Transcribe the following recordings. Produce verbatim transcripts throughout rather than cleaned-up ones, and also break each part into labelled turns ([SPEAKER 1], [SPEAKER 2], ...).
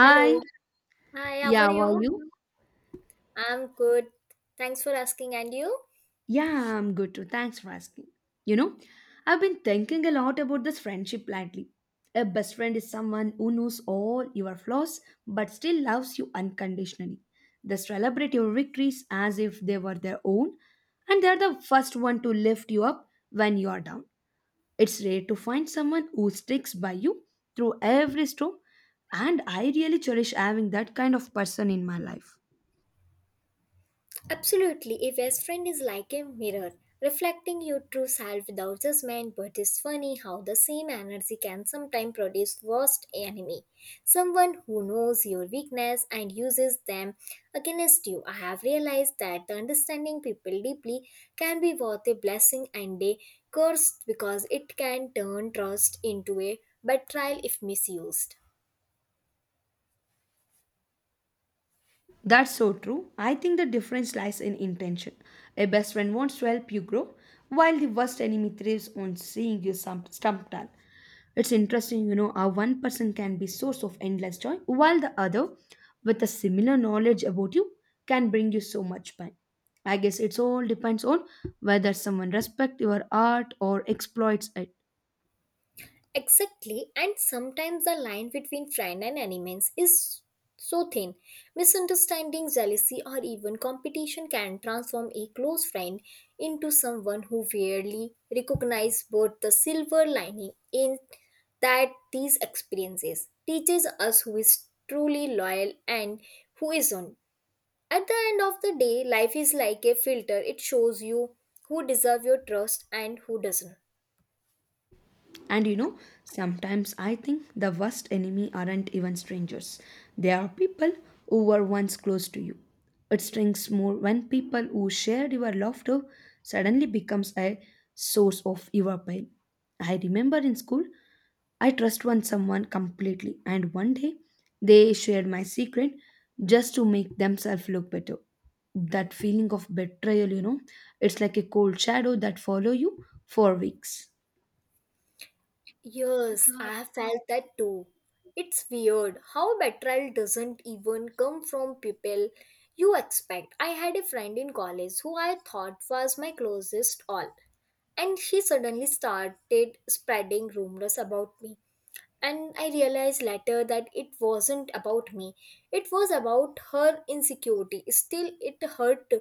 [SPEAKER 1] Hello. Hi, how
[SPEAKER 2] yeah,
[SPEAKER 1] are
[SPEAKER 2] how
[SPEAKER 1] you?
[SPEAKER 2] are you?
[SPEAKER 1] I'm good. Thanks for asking. And you?
[SPEAKER 2] Yeah, I'm good too. Thanks for asking. You know, I've been thinking a lot about this friendship lately. A best friend is someone who knows all your flaws but still loves you unconditionally. They celebrate your victories as if they were their own, and they're the first one to lift you up when you are down. It's rare to find someone who sticks by you through every storm, and I really cherish having that kind of person in my life.
[SPEAKER 1] Absolutely. A best friend is like a mirror, reflecting your true self without judgment. But it's funny how the same energy can sometimes produce worst enemy. Someone who knows your weakness and uses them against you. I have realized that the understanding people deeply can be both a blessing and a curse because it can turn trust into a betrayal if misused.
[SPEAKER 2] That's so true. I think the difference lies in intention. A best friend wants to help you grow, while the worst enemy thrives on seeing you stump- stumped. It's interesting, you know, how one person can be source of endless joy, while the other, with a similar knowledge about you, can bring you so much pain. I guess it's all depends on whether someone respects your art or exploits it.
[SPEAKER 1] Exactly, and sometimes the line between friend and enemies is so thin. Misunderstanding, jealousy, or even competition can transform a close friend into someone who rarely recognizes both the silver lining in that these experiences teaches us who is truly loyal and who isn't. At the end of the day, life is like a filter. It shows you who deserve your trust and who doesn't.
[SPEAKER 2] And you know, sometimes I think the worst enemy aren't even strangers. They are people who were once close to you. It stings more when people who shared your laughter suddenly becomes a source of your pain. I remember in school, I trust one someone completely, and one day they shared my secret just to make themselves look better. That feeling of betrayal, you know, it's like a cold shadow that follow you for weeks.
[SPEAKER 1] Yes, I have felt that too. It's weird how betrayal doesn't even come from people you expect. I had a friend in college who I thought was my closest all, and she suddenly started spreading rumors about me. And I realized later that it wasn't about me, it was about her insecurity. Still, it hurt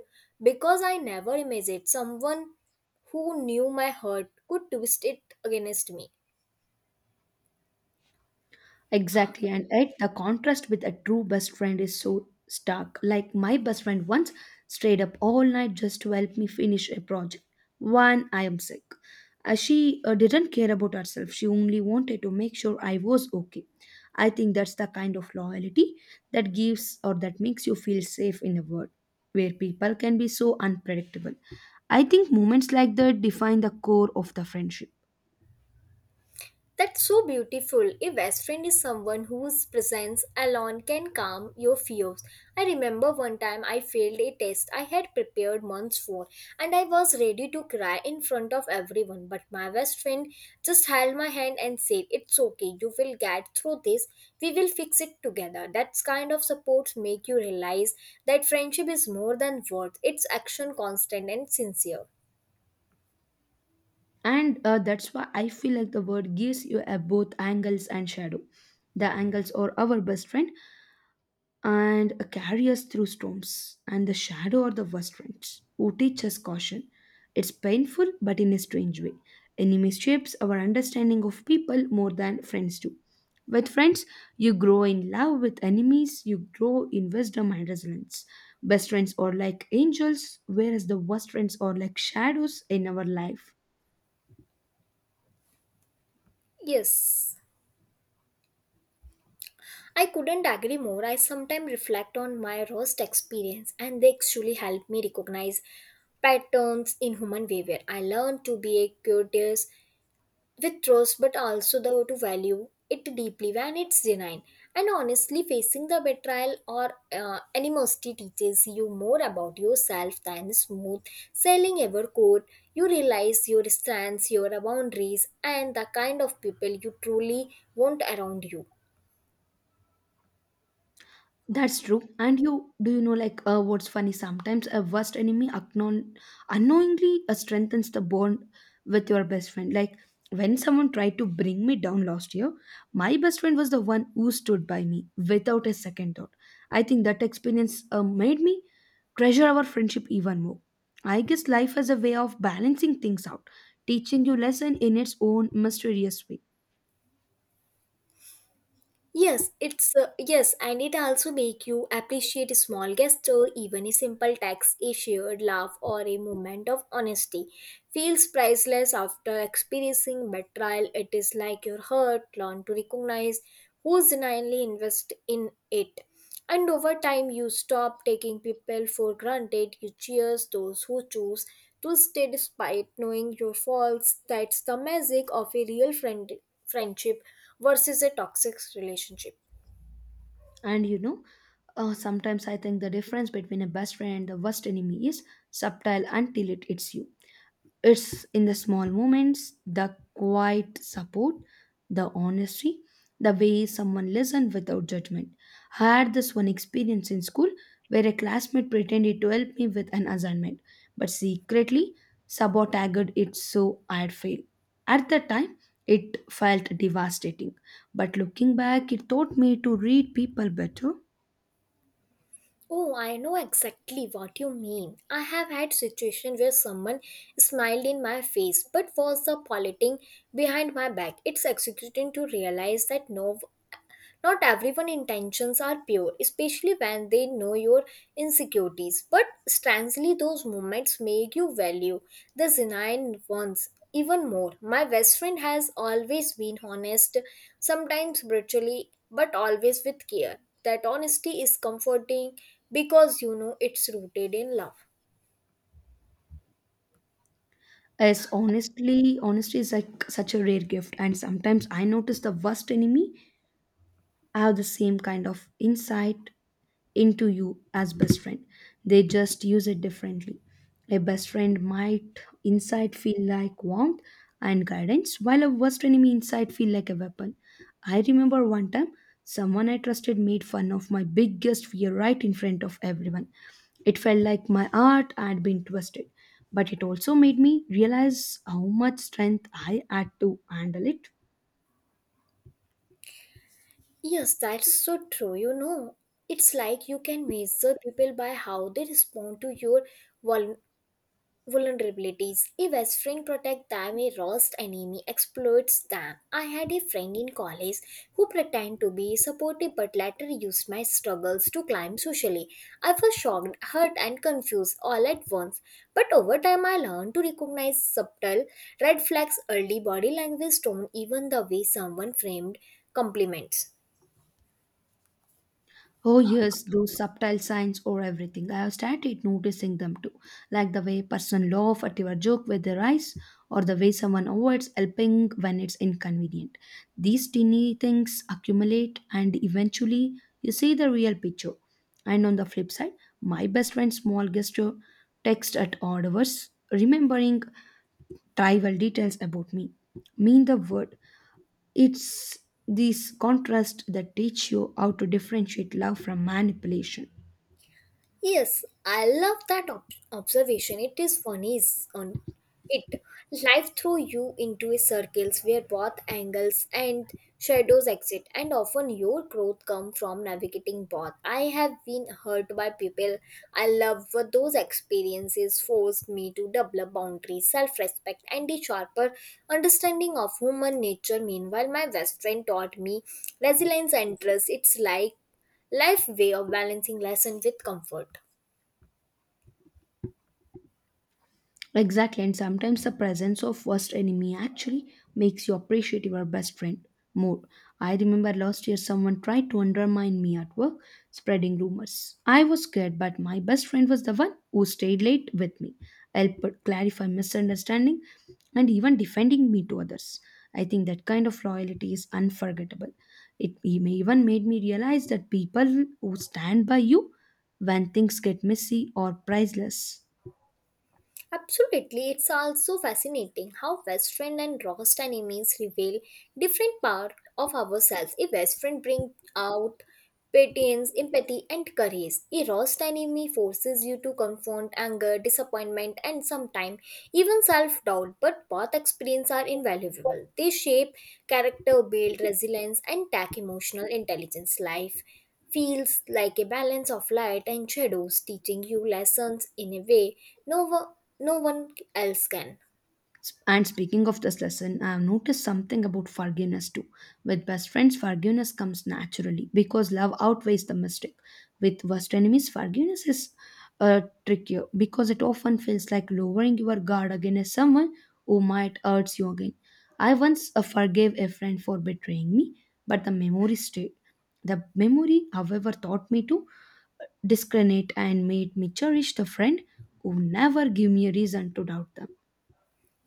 [SPEAKER 1] because I never imagined someone who knew my hurt could twist it against me.
[SPEAKER 2] Exactly, and yet the contrast with a true best friend is so stark. Like my best friend once stayed up all night just to help me finish a project. One, I am sick. Uh, she uh, didn't care about herself. She only wanted to make sure I was okay. I think that's the kind of loyalty that gives or that makes you feel safe in a world where people can be so unpredictable. I think moments like that define the core of the friendship.
[SPEAKER 1] That's so beautiful. A best friend is someone whose presence alone can calm your fears. I remember one time I failed a test I had prepared months for, and I was ready to cry in front of everyone. But my best friend just held my hand and said, It's okay, you will get through this. We will fix it together. That kind of support make you realize that friendship is more than words, it's action constant and sincere.
[SPEAKER 2] and uh, that's why I feel like the word gives you a both angles and shadow. The angles are our best friend and carry us through storms, and the shadow are the worst friends who teach us caution. It's painful, but in a strange way enemies shapes our understanding of people more than friends do. With friends you grow in love; with enemies you grow in wisdom and resilience. Best friends are like angels, whereas the worst friends are like shadows in our life.
[SPEAKER 1] Yes. I couldn't agree more. I sometimes reflect on my roast experience, and they actually help me recognize patterns in human behavior. I learned to be a curious with roast, but also the to value it deeply when it's genuine. And honestly, facing the betrayal or uh, animosity teaches you more about yourself than smooth sailing ever could. You realize your strengths, your boundaries, and the kind of people you truly want around you.
[SPEAKER 2] That's true. And you do you know like uh, what's funny? Sometimes a worst enemy acknowl- unknowingly uh, strengthens the bond with your best friend. Like when someone tried to bring me down last year, my best friend was the one who stood by me without a second thought. I think that experience uh, made me treasure our friendship even more. I guess life has a way of balancing things out, teaching you lesson in its own mysterious way.
[SPEAKER 1] Yes, it's uh, yes, and it also make you appreciate a small gesture, even a simple text, a shared laugh, or a moment of honesty. Feels priceless after experiencing betrayal. It is like your heart learn to recognize who's genuinely invest in it. And over time, you stop taking people for granted. You cheers those who choose to stay despite knowing your faults. That's the magic of a real friend- friendship versus a toxic relationship.
[SPEAKER 2] And you know, uh, sometimes I think the difference between a best friend and the worst enemy is subtle until it hits you. It's in the small moments, the quiet support, the honesty, the way someone listened without judgment. I had this one experience in school where a classmate pretended to help me with an assignment, but secretly sabotaged it so I'd fail. At the time, it felt devastating, but looking back, it taught me to read people better.
[SPEAKER 1] Oh, I know exactly what you mean. I have had situations where someone smiled in my face but was the politing behind my back. It's executing to realize that no Not everyone's intentions are pure, especially when they know your insecurities. But strangely, those moments make you value the genuine ones even more. My best friend has always been honest, sometimes brutally, but always with care. That honesty is comforting because you know it's rooted in love.
[SPEAKER 2] Yes, honestly, honesty is like such a rare gift, and sometimes I notice the worst enemy have the same kind of insight into you as best friend. They just use it differently. A best friend might inside feel like warmth and guidance, while a worst enemy inside feel like a weapon. I remember one time someone I trusted made fun of my biggest fear right in front of everyone. It felt like my heart had been twisted, but it also made me realize how much strength I had to handle it.
[SPEAKER 1] Yes, that's so true. You know, it's like you can measure people by how they respond to your vulner- vulnerabilities. If best friend protect them, a rust enemy exploits them. I had a friend in college who pretended to be supportive but later used my struggles to climb socially. I was shocked, hurt, and confused all at once. But over time, I learned to recognize subtle red flags, early body language tone, even the way someone framed compliments.
[SPEAKER 2] Oh, yes, those subtle signs or everything. I have started noticing them too, like the way person laugh at your joke with their eyes, or the way someone avoids helping when it's inconvenient. These teeny things accumulate, and eventually you see the real picture. And on the flip side, my best friend's small gesture, text at odd hours, remembering trivial details about me, mean the word. It's these contrasts that teach you how to differentiate love from manipulation.
[SPEAKER 1] Yes, I love that ob- observation. It is funny is on it. Life throws you into a circles where both angles and shadows exist, and often your growth comes from navigating both. I have been hurt by people I love, but those experiences forced me to develop boundaries, self-respect, and a sharper understanding of human nature. Meanwhile, my best friend taught me resilience and trust. It's like life way of balancing lesson with comfort.
[SPEAKER 2] Exactly, and sometimes the presence of worst enemy actually makes you appreciate your best friend more. I remember last year someone tried to undermine me at work, spreading rumors. I was scared, but my best friend was the one who stayed late with me, helped clarify misunderstanding, and even defending me to others. I think that kind of loyalty is unforgettable. It even made me realize that people who stand by you when things get messy or priceless.
[SPEAKER 1] Absolutely, it's also fascinating how Western and Rost enemies reveal different parts of ourselves. A Western brings out patience, empathy, and courage. A Rost enemy forces you to confront anger, disappointment, and sometimes even self doubt. But both experiences are invaluable. They shape character, build resilience, and tack emotional intelligence. Life feels like a balance of light and shadows, teaching you lessons in a way no one, no one else can.
[SPEAKER 2] And speaking of this lesson, I have noticed something about forgiveness too. With best friends, forgiveness comes naturally because love outweighs the mistake. With worst enemies, forgiveness is uh, trickier because it often feels like lowering your guard against someone who might hurt you again. I once uh, forgave a friend for betraying me, but the memory stayed. The memory, however, taught me to discriminate and made me cherish the friend who never gave me a reason to doubt them.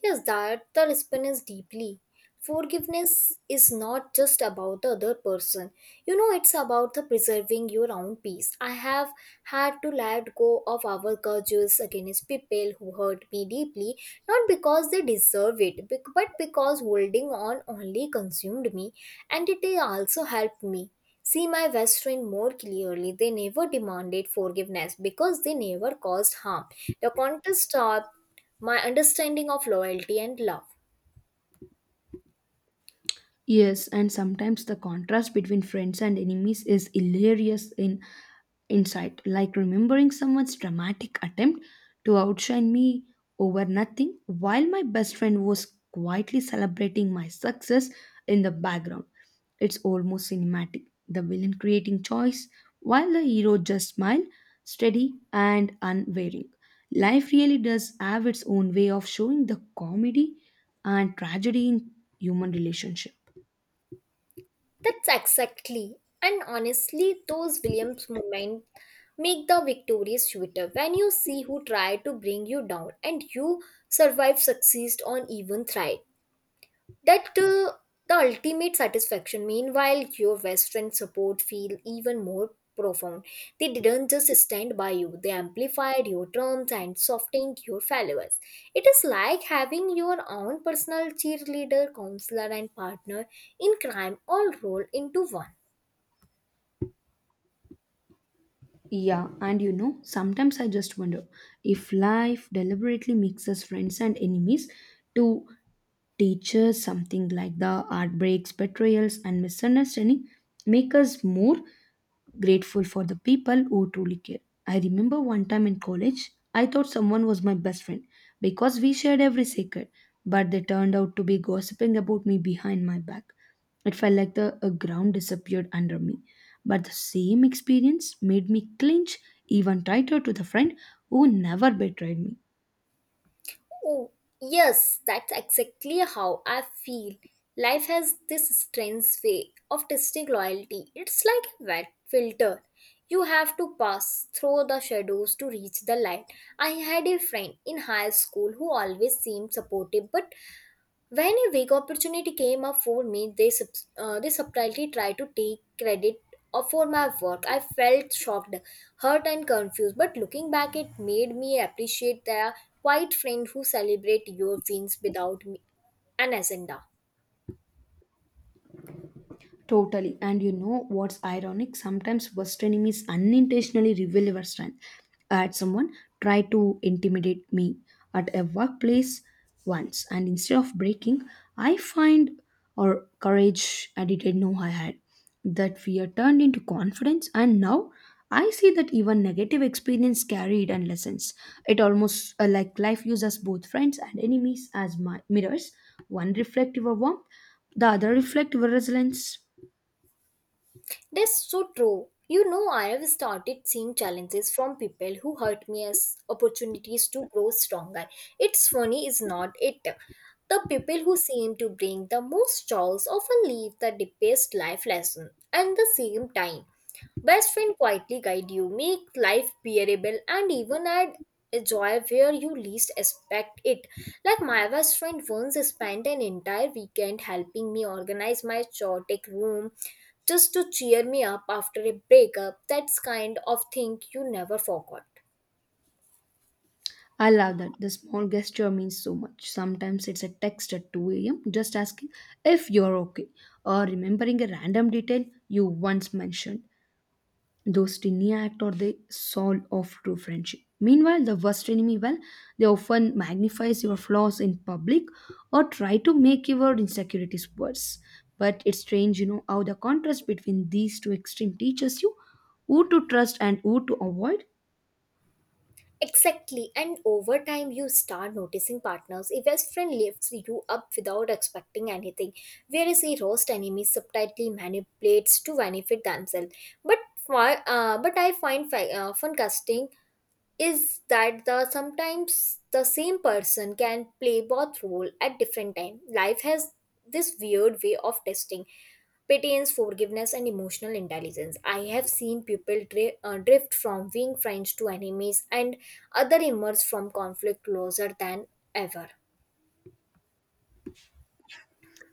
[SPEAKER 1] Yes, that the response deeply. Forgiveness is not just about the other person. You know, it's about the preserving your own peace. I have had to let go of our grudges against people who hurt me deeply, not because they deserve it, bec- but because holding on only consumed me, and it also helped me see my best friend more clearly. They never demanded forgiveness because they never caused harm. The contest stopped my understanding of loyalty and love.
[SPEAKER 2] Yes, and sometimes the contrast between friends and enemies is hilarious in insight, like remembering someone's dramatic attempt to outshine me over nothing while my best friend was quietly celebrating my success in the background. It's almost cinematic. The villain creating choice while the hero just smiled, steady and unwavering. Life really does have its own way of showing the comedy and tragedy in human relationship.
[SPEAKER 1] That's exactly, and honestly, those Williams moments make the victory sweeter when you see who tried to bring you down and you survive, succeed, or even thrive. That uh, the ultimate satisfaction. Meanwhile, your Western support feel even more profound. They didn't just stand by you; they amplified your terms and softened your followers. It is like having your own personal cheerleader, counselor, and partner in crime all rolled into one.
[SPEAKER 2] Yeah, and you know, sometimes I just wonder if life deliberately mixes friends and enemies to teachers, something like the heartbreaks, betrayals, and misunderstanding, make us more grateful for the people who truly care. I remember one time in college, I thought someone was my best friend because we shared every secret, but they turned out to be gossiping about me behind my back. It felt like the a ground disappeared under me. But the same experience made me clinch even tighter to the friend who never betrayed me.
[SPEAKER 1] Oh, yes, that's exactly how I feel. Life has this strange way of testing loyalty. It's like a wet filter. You have to pass through the shadows to reach the light. I had a friend in high school who always seemed supportive but when a big opportunity came up for me, they, sub- uh, they subtly tried to take credit uh, for my work. I felt shocked, hurt, and confused. But looking back, it made me appreciate the quiet friend who celebrate your wins without me- an agenda.
[SPEAKER 2] Totally. And you know what's ironic? Sometimes worst enemies unintentionally reveal our strength. I had someone try to intimidate me at a workplace once, and instead of breaking, I find or courage I didn't know I had. That fear turned into confidence, and now I see that even negative experience carried and lessons. It almost uh, like life uses both friends and enemies as my mirrors, one reflective of warmth, the other reflective of resilience.
[SPEAKER 1] That's so true. You know, I have started seeing challenges from people who hurt me as opportunities to grow stronger. It's funny, is not it? The people who seem to bring the most chaos often leave the deepest life lesson and the same time. Best friend quietly guide you, make life bearable, and even add a joy where you least expect it. Like my best friend once spent an entire weekend helping me organize my chaotic room just to cheer me up after a breakup. That's kind of thing you never forgot.
[SPEAKER 2] I love that. The small gesture means so much. Sometimes it's a text at two a m just asking if you're okay or remembering a random detail you once mentioned. Those tiny acts are the soul of true friendship. Meanwhile, the worst enemy, well, they often magnifies your flaws in public or try to make your insecurities worse. But it's strange, you know, how the contrast between these two extreme teaches you who to trust and who to avoid.
[SPEAKER 1] Exactly, and over time you start noticing partners A best friend lifts you up without expecting anything, whereas a roast enemy subtly manipulates to benefit themselves. But fi- uh, but I find fi- uh, fun casting is that the sometimes the same person can play both role at different time life has this weird way of testing patience forgiveness and emotional intelligence I have seen people dri- uh, drift from being friends to enemies and other emerge from conflict closer than ever.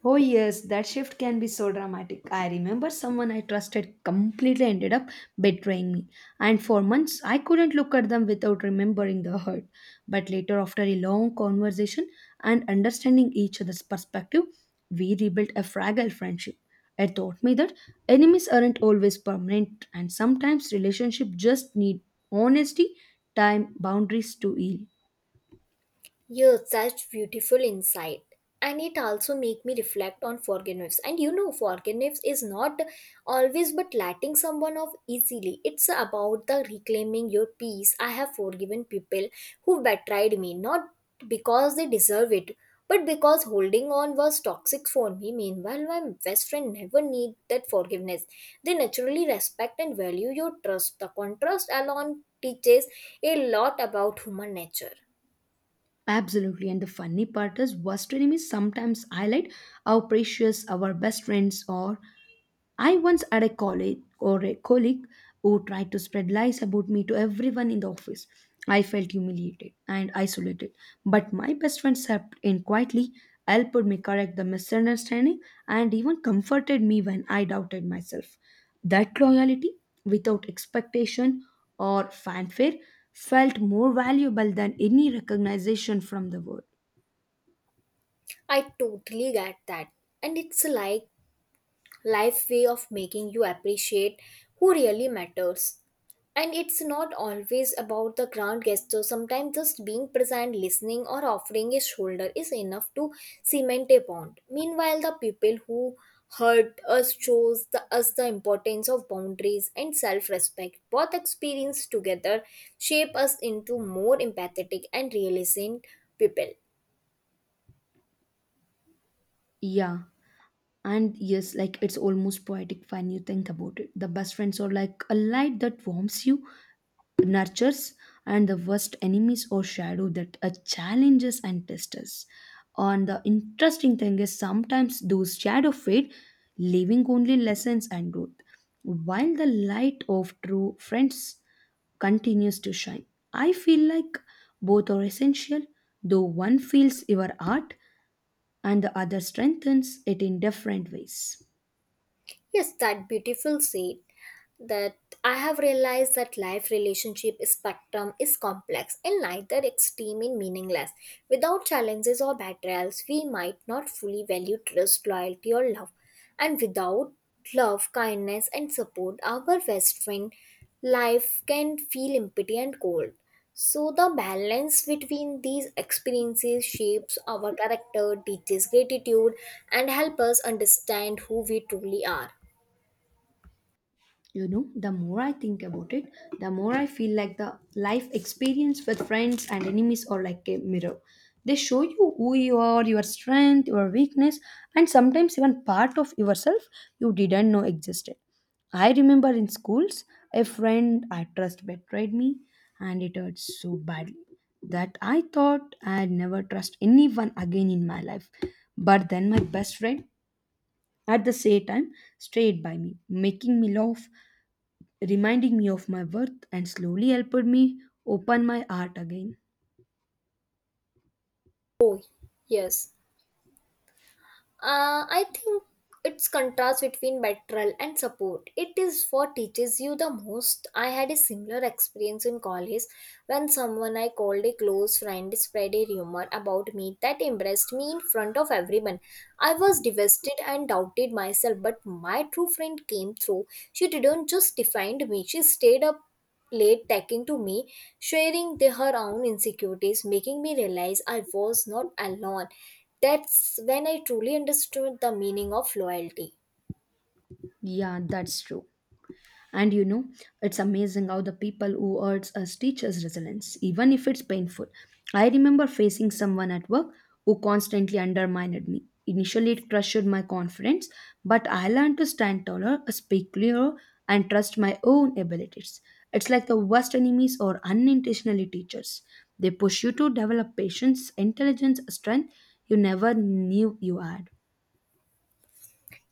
[SPEAKER 2] Oh, yes, that shift can be so dramatic. I remember someone I trusted completely ended up betraying me, and for months I couldn't look at them without remembering the hurt. But later, after a long conversation and understanding each other's perspective, we rebuilt a fragile friendship. It taught me that enemies aren't always permanent, and sometimes relationships just need honesty, time, boundaries to heal.
[SPEAKER 1] You're such beautiful insight. And it also make me reflect on forgiveness. And you know, forgiveness is not always but letting someone off easily. It's about the reclaiming your peace. I have forgiven people who betrayed me, not because they deserve it, but because holding on was toxic for me. Meanwhile, my best friend never need that forgiveness. They naturally respect and value your trust. The contrast alone teaches a lot about human nature.
[SPEAKER 2] Absolutely. And the funny part is, worst enemies sometimes highlight how precious our best friends are. I once had a colleague or a colleague who tried to spread lies about me to everyone in the office. I felt humiliated and isolated, but my best friend stepped in quietly, helped me correct the misunderstanding, and even comforted me when I doubted myself. That loyalty, without expectation or fanfare, felt more valuable than any recognition from the world.
[SPEAKER 1] I totally get that. And it's like life way of making you appreciate who really matters. And it's not always about the grand gesture. Sometimes just being present, listening, or offering a shoulder is enough to cement a bond. Meanwhile, the people who hurt us shows the, us the importance of boundaries and self-respect. Both experience together shape us into more empathetic and realizing people.
[SPEAKER 2] Yeah, and yes, like it's almost poetic when you think about it. The best friends are like a light that warms you nurtures, and the worst enemies or shadow that uh, challenges and tests us. And the interesting thing is sometimes those shadow fade, leaving only lessons and growth, while the light of true friends continues to shine. I feel like both are essential, though one feels your art and the other strengthens it in different ways.
[SPEAKER 1] Yes, that beautiful said. That I have realized that life relationship spectrum is complex and neither extreme is meaningless. Without challenges or betrayals, we might not fully value trust, loyalty, or love. And without love, kindness, and support, our best friend life can feel empty and cold. So the balance between these experiences shapes our character, teaches gratitude, and help us understand who we truly are.
[SPEAKER 2] You know, the more I think about it, the more I feel like the life experience with friends and enemies are like a mirror. They show you who you are, your strength, your weakness, and sometimes even part of yourself you didn't know existed. I remember in schools, a friend I trust betrayed me, and it hurt so badly that I thought I'd never trust anyone again in my life. But then my best friend, at the same time, stayed by me, making me laugh, reminding me of my worth and slowly helped me open my heart again.
[SPEAKER 1] Oh, yes. Uh, I think it's contrast between betrayal and support. It is what teaches you the most. I had a similar experience in college when someone I called a close friend spread a rumor about me that embarrassed me in front of everyone. I was devastated and doubted myself, but my true friend came through. She didn't just defend me, she stayed up late talking to me, sharing the, her own insecurities, making me realize I was not alone. That's when I truly understood the meaning of loyalty.
[SPEAKER 2] Yeah, that's true. And you know, it's amazing how the people who hurts us teach us resilience, even if it's painful. I remember facing someone at work who constantly undermined me. Initially, it crushed my confidence, but I learned to stand taller, speak clearer, and trust my own abilities. It's like the worst enemies or unintentionally teachers. They push you to develop patience, intelligence, strength you never knew you had.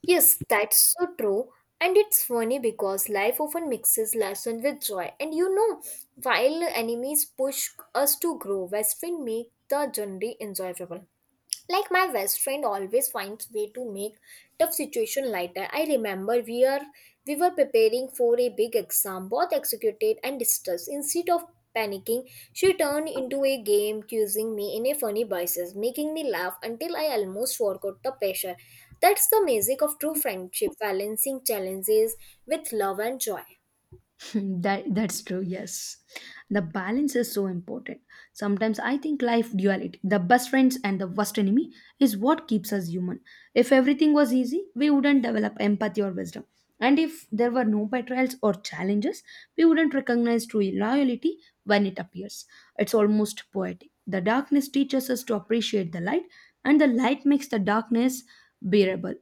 [SPEAKER 1] Yes, that's so true. And it's funny because life often mixes lesson with joy. And you know, while enemies push us to grow, best friends make the journey enjoyable. Like my best friend always finds way to make tough situation lighter. I remember we are we were preparing for a big exam, both executed and distressed. Instead of panicking, she turned into a game, quizzing me in a funny voices, making me laugh until I almost forgot the pressure. That's the magic of true friendship, balancing challenges with love and joy.
[SPEAKER 2] that that's true, yes, the balance is so important. Sometimes I think life duality, the best friends and the worst enemy, is what keeps us human. If everything was easy, we wouldn't develop empathy or wisdom, and if there were no betrayals or challenges, we wouldn't recognize true loyalty when it appears. It's almost poetic, the darkness teaches us to appreciate the light, and the light makes the darkness bearable.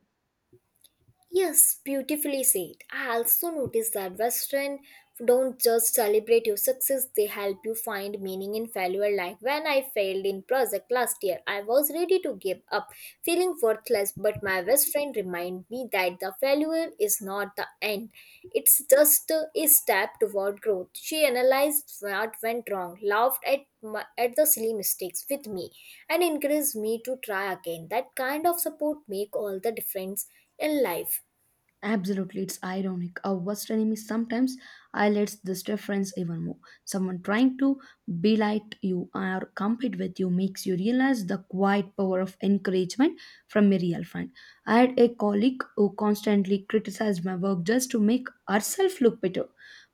[SPEAKER 1] Yes, beautifully said. I also noticed that Western don't just celebrate your success, they help you find meaning in failure. Like when I failed in project last year, I was ready to give up, feeling worthless, but my best friend reminded me that the failure is not the end. It's just a step toward growth. She analyzed what went wrong, laughed at my, at the silly mistakes with me, and encouraged me to try again. That kind of support make all the difference in life.
[SPEAKER 2] Absolutely, it's ironic. Our worst enemy sometimes highlights this difference even more. Someone trying to belittle you or compete with you makes you realize the quiet power of encouragement from a real friend. I had a colleague who constantly criticized my work just to make herself look better,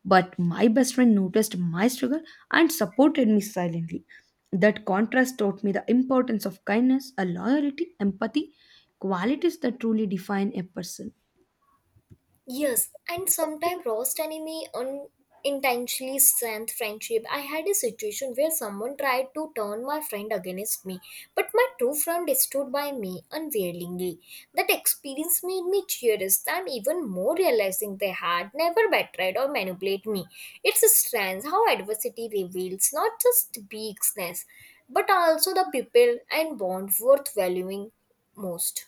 [SPEAKER 2] but my best friend noticed my struggle and supported me silently. That contrast taught me the importance of kindness, a loyalty, empathy, qualities that truly define a person.
[SPEAKER 1] Yes, and sometimes roast enemy unintentionally strength friendship. I had a situation where someone tried to turn my friend against me, but my true friend stood by me unwaveringly. That experience made me curious and even more realizing they had never betrayed or manipulated me. It's a strange how adversity reveals not just weakness, but also the people and bond worth valuing most.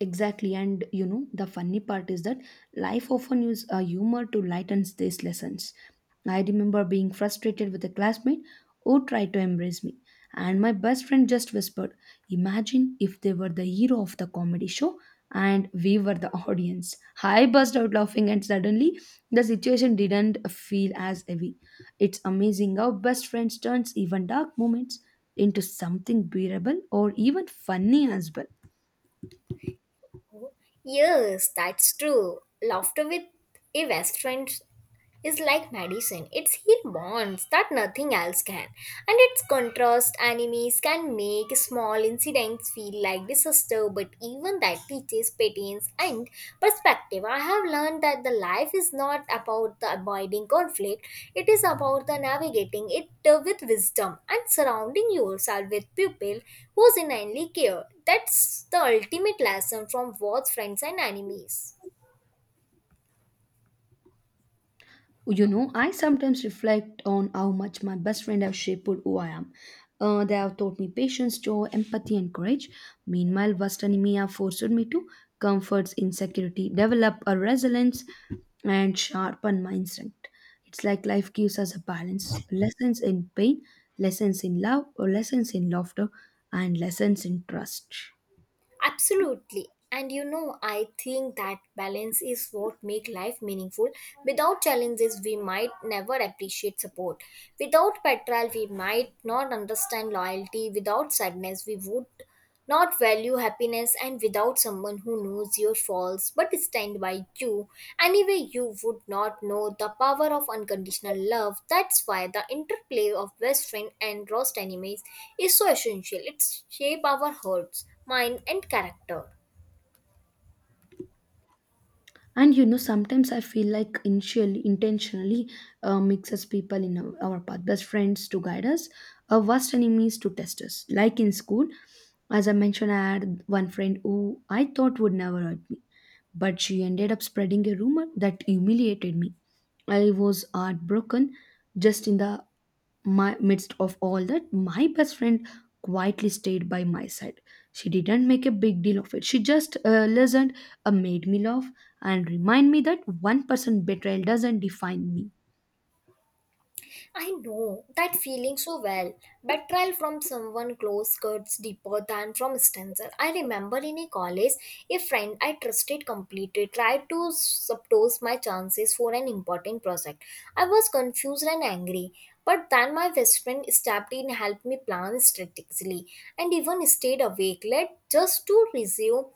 [SPEAKER 2] Exactly, and you know, the funny part is that life often uses uh, humor to lighten these lessons. I remember being frustrated with a classmate who tried to embrace me, and my best friend just whispered, "Imagine if they were the hero of the comedy show and we were the audience." I burst out laughing, and suddenly the situation didn't feel as heavy. It's amazing how best friends turns even dark moments into something bearable or even funny as well.
[SPEAKER 1] Yes, that's true. Laughter with a best friend is like medicine. It's heal bonds that nothing else can. And its contrast animes can make small incidents feel like disaster, but even that teaches patience and perspective. I have learned that the life is not about the avoiding conflict, it is about the navigating it uh, with wisdom and surrounding yourself with people who genuinely care. That's the ultimate lesson from both friends and enemies.
[SPEAKER 2] You know, I sometimes reflect on how much my best friend have shaped who I am. Uh, they have taught me patience, joy, empathy, and courage. Meanwhile, worst enemy have forced me to comfort insecurity, develop a resilience, and sharpen my instinct. It's like life gives us a balance: lessons in pain, lessons in love, or lessons in laughter, and lessons in trust.
[SPEAKER 1] Absolutely. And you know, I think that balance is what make life meaningful. Without challenges, we might never appreciate support. Without betrayal, we might not understand loyalty. Without sadness, we would not value happiness. And without someone who knows your faults but stand by you, anyway, you would not know the power of unconditional love. That's why the interplay of best friend and worst enemies is so essential. It shape our hearts mind, and character.
[SPEAKER 2] And you know, sometimes I feel like initially intentionally uh, mixes people in our, our path, best friends to guide us, our worst enemies to test us. Like in school, as I mentioned, I had one friend who I thought would never hurt me, but she ended up spreading a rumor that humiliated me. I was heartbroken. Just in the my midst of all that, my best friend quietly stayed by my side. She didn't make a big deal of it, she just uh, listened, uh, made me laugh, and remind me that one person betrayal doesn't define me.
[SPEAKER 1] I know that feeling so well. Betrayal from someone close cuts deeper than from stranger. I remember in a college, a friend I trusted completely tried to subtose my chances for an important project. I was confused and angry, but then my best friend stepped in, helped me plan strategically, and even stayed awake late just to resume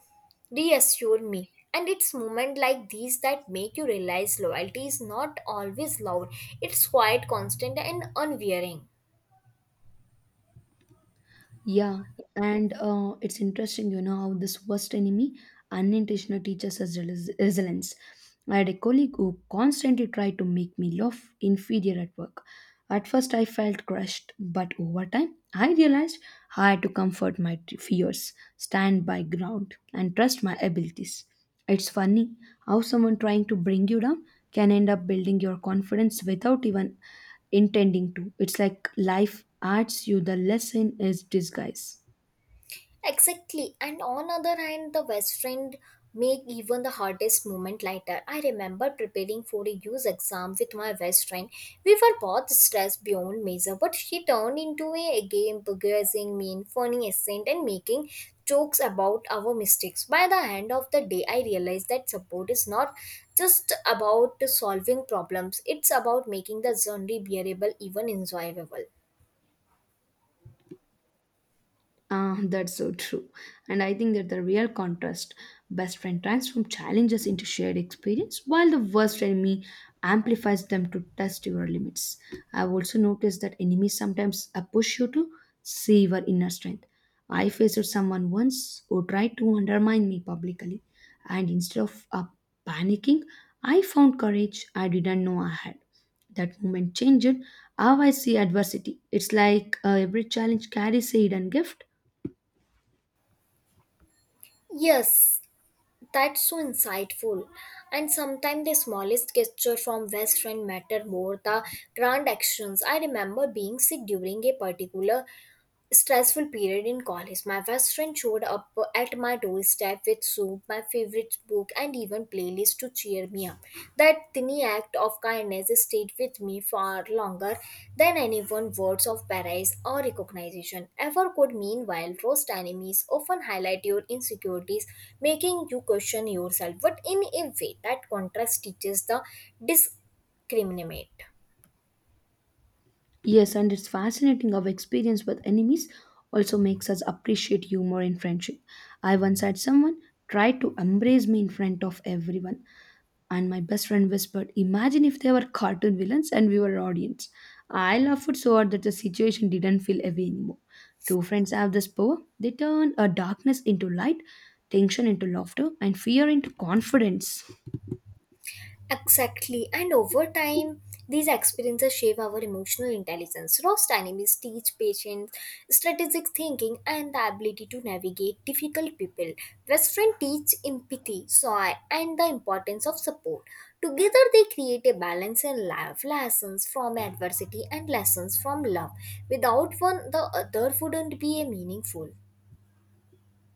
[SPEAKER 1] reassure me. And it's moments like these that make you realize loyalty is not always loud, it's quiet, constant, and unwearing.
[SPEAKER 2] Yeah, and uh, it's interesting, you know, how this worst enemy unintentional teaches us resi- resilience. I had a colleague who constantly tried to make me laugh inferior at work. At first, I felt crushed, but over time, I realized I had to comfort my t- fears, stand by ground, and trust my abilities. It's funny how someone trying to bring you down can end up building your confidence without even intending to. It's like life adds you the lesson is disguise.
[SPEAKER 1] Exactly. And on other hand, the best friend make even the hardest moment lighter. I remember preparing for a use exam with my best friend. We were both stressed beyond measure, but she turned into a game begrudging mean, funny accent and making jokes about our mistakes. By the end of the day, I realized that support is not just about solving problems. It's about making the journey bearable, even enjoyable.
[SPEAKER 2] Ah, that's so true. And I think that the real contrast, best friend transforms challenges into shared experience, while the worst enemy amplifies them to test your limits. I've also noticed that enemies sometimes uh, push you to see your inner strength. I faced someone once who tried to undermine me publicly, and instead of uh, panicking, I found courage I didn't know I had. That moment changed how I see adversity. It's like uh, every challenge carries a hidden gift.
[SPEAKER 1] Yes, that's so insightful. And sometimes the smallest gesture from best friend matter more the grand actions. I remember being sick during a particular stressful period in college, my best friend showed up at my doorstep with soup, my favorite book, and even playlist to cheer me up. That tiny act of kindness stayed with me far longer than anyone's words of praise or recognition ever could. Meanwhile, roast enemies often highlight your insecurities, making you question yourself, but in a way that contrast teaches the discriminate.
[SPEAKER 2] Yes, and it's fascinating how experience with enemies also makes us appreciate humor in friendship. I once had someone try to embrace me in front of everyone, and my best friend whispered, "Imagine if they were cartoon villains and we were audience." I laughed so hard that the situation didn't feel heavy anymore. True friends have this power. They turn a darkness into light, tension into laughter, and fear into confidence.
[SPEAKER 1] Exactly. And over time, these experiences shape our emotional intelligence. Roast enemies teach patience, strategic thinking, and the ability to navigate difficult people. Best friend teach empathy, joy, and the importance of support. Together, they create a balance in life, lessons from adversity and lessons from love. Without one, the other wouldn't be a meaningful.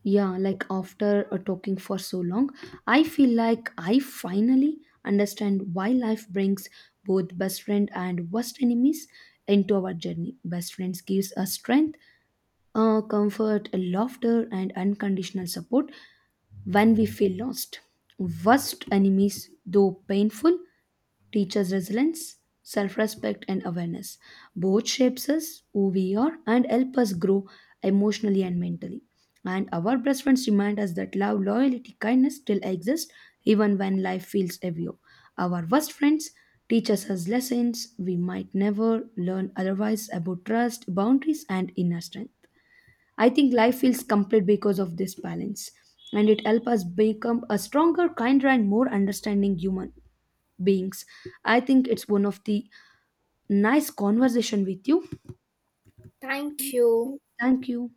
[SPEAKER 2] Yeah, like after uh, talking for so long, I feel like I finally understand why life brings both best friend and worst enemies into our journey. Best friends gives us strength, uh, comfort, laughter, and unconditional support when we feel lost. Worst enemies, though painful, teaches resilience, self respect, and awareness. Both shapes us who we are and help us grow emotionally and mentally. And our best friends remind us that love, loyalty, kindness still exist even when life feels heavier. Our worst friends teaches us lessons we might never learn otherwise about trust, boundaries, and inner strength. I think life feels complete because of this balance, and it helps us become a stronger, kinder, and more understanding human beings. I think it's one of the nice conversation with you.
[SPEAKER 1] Thank you.
[SPEAKER 2] Thank you.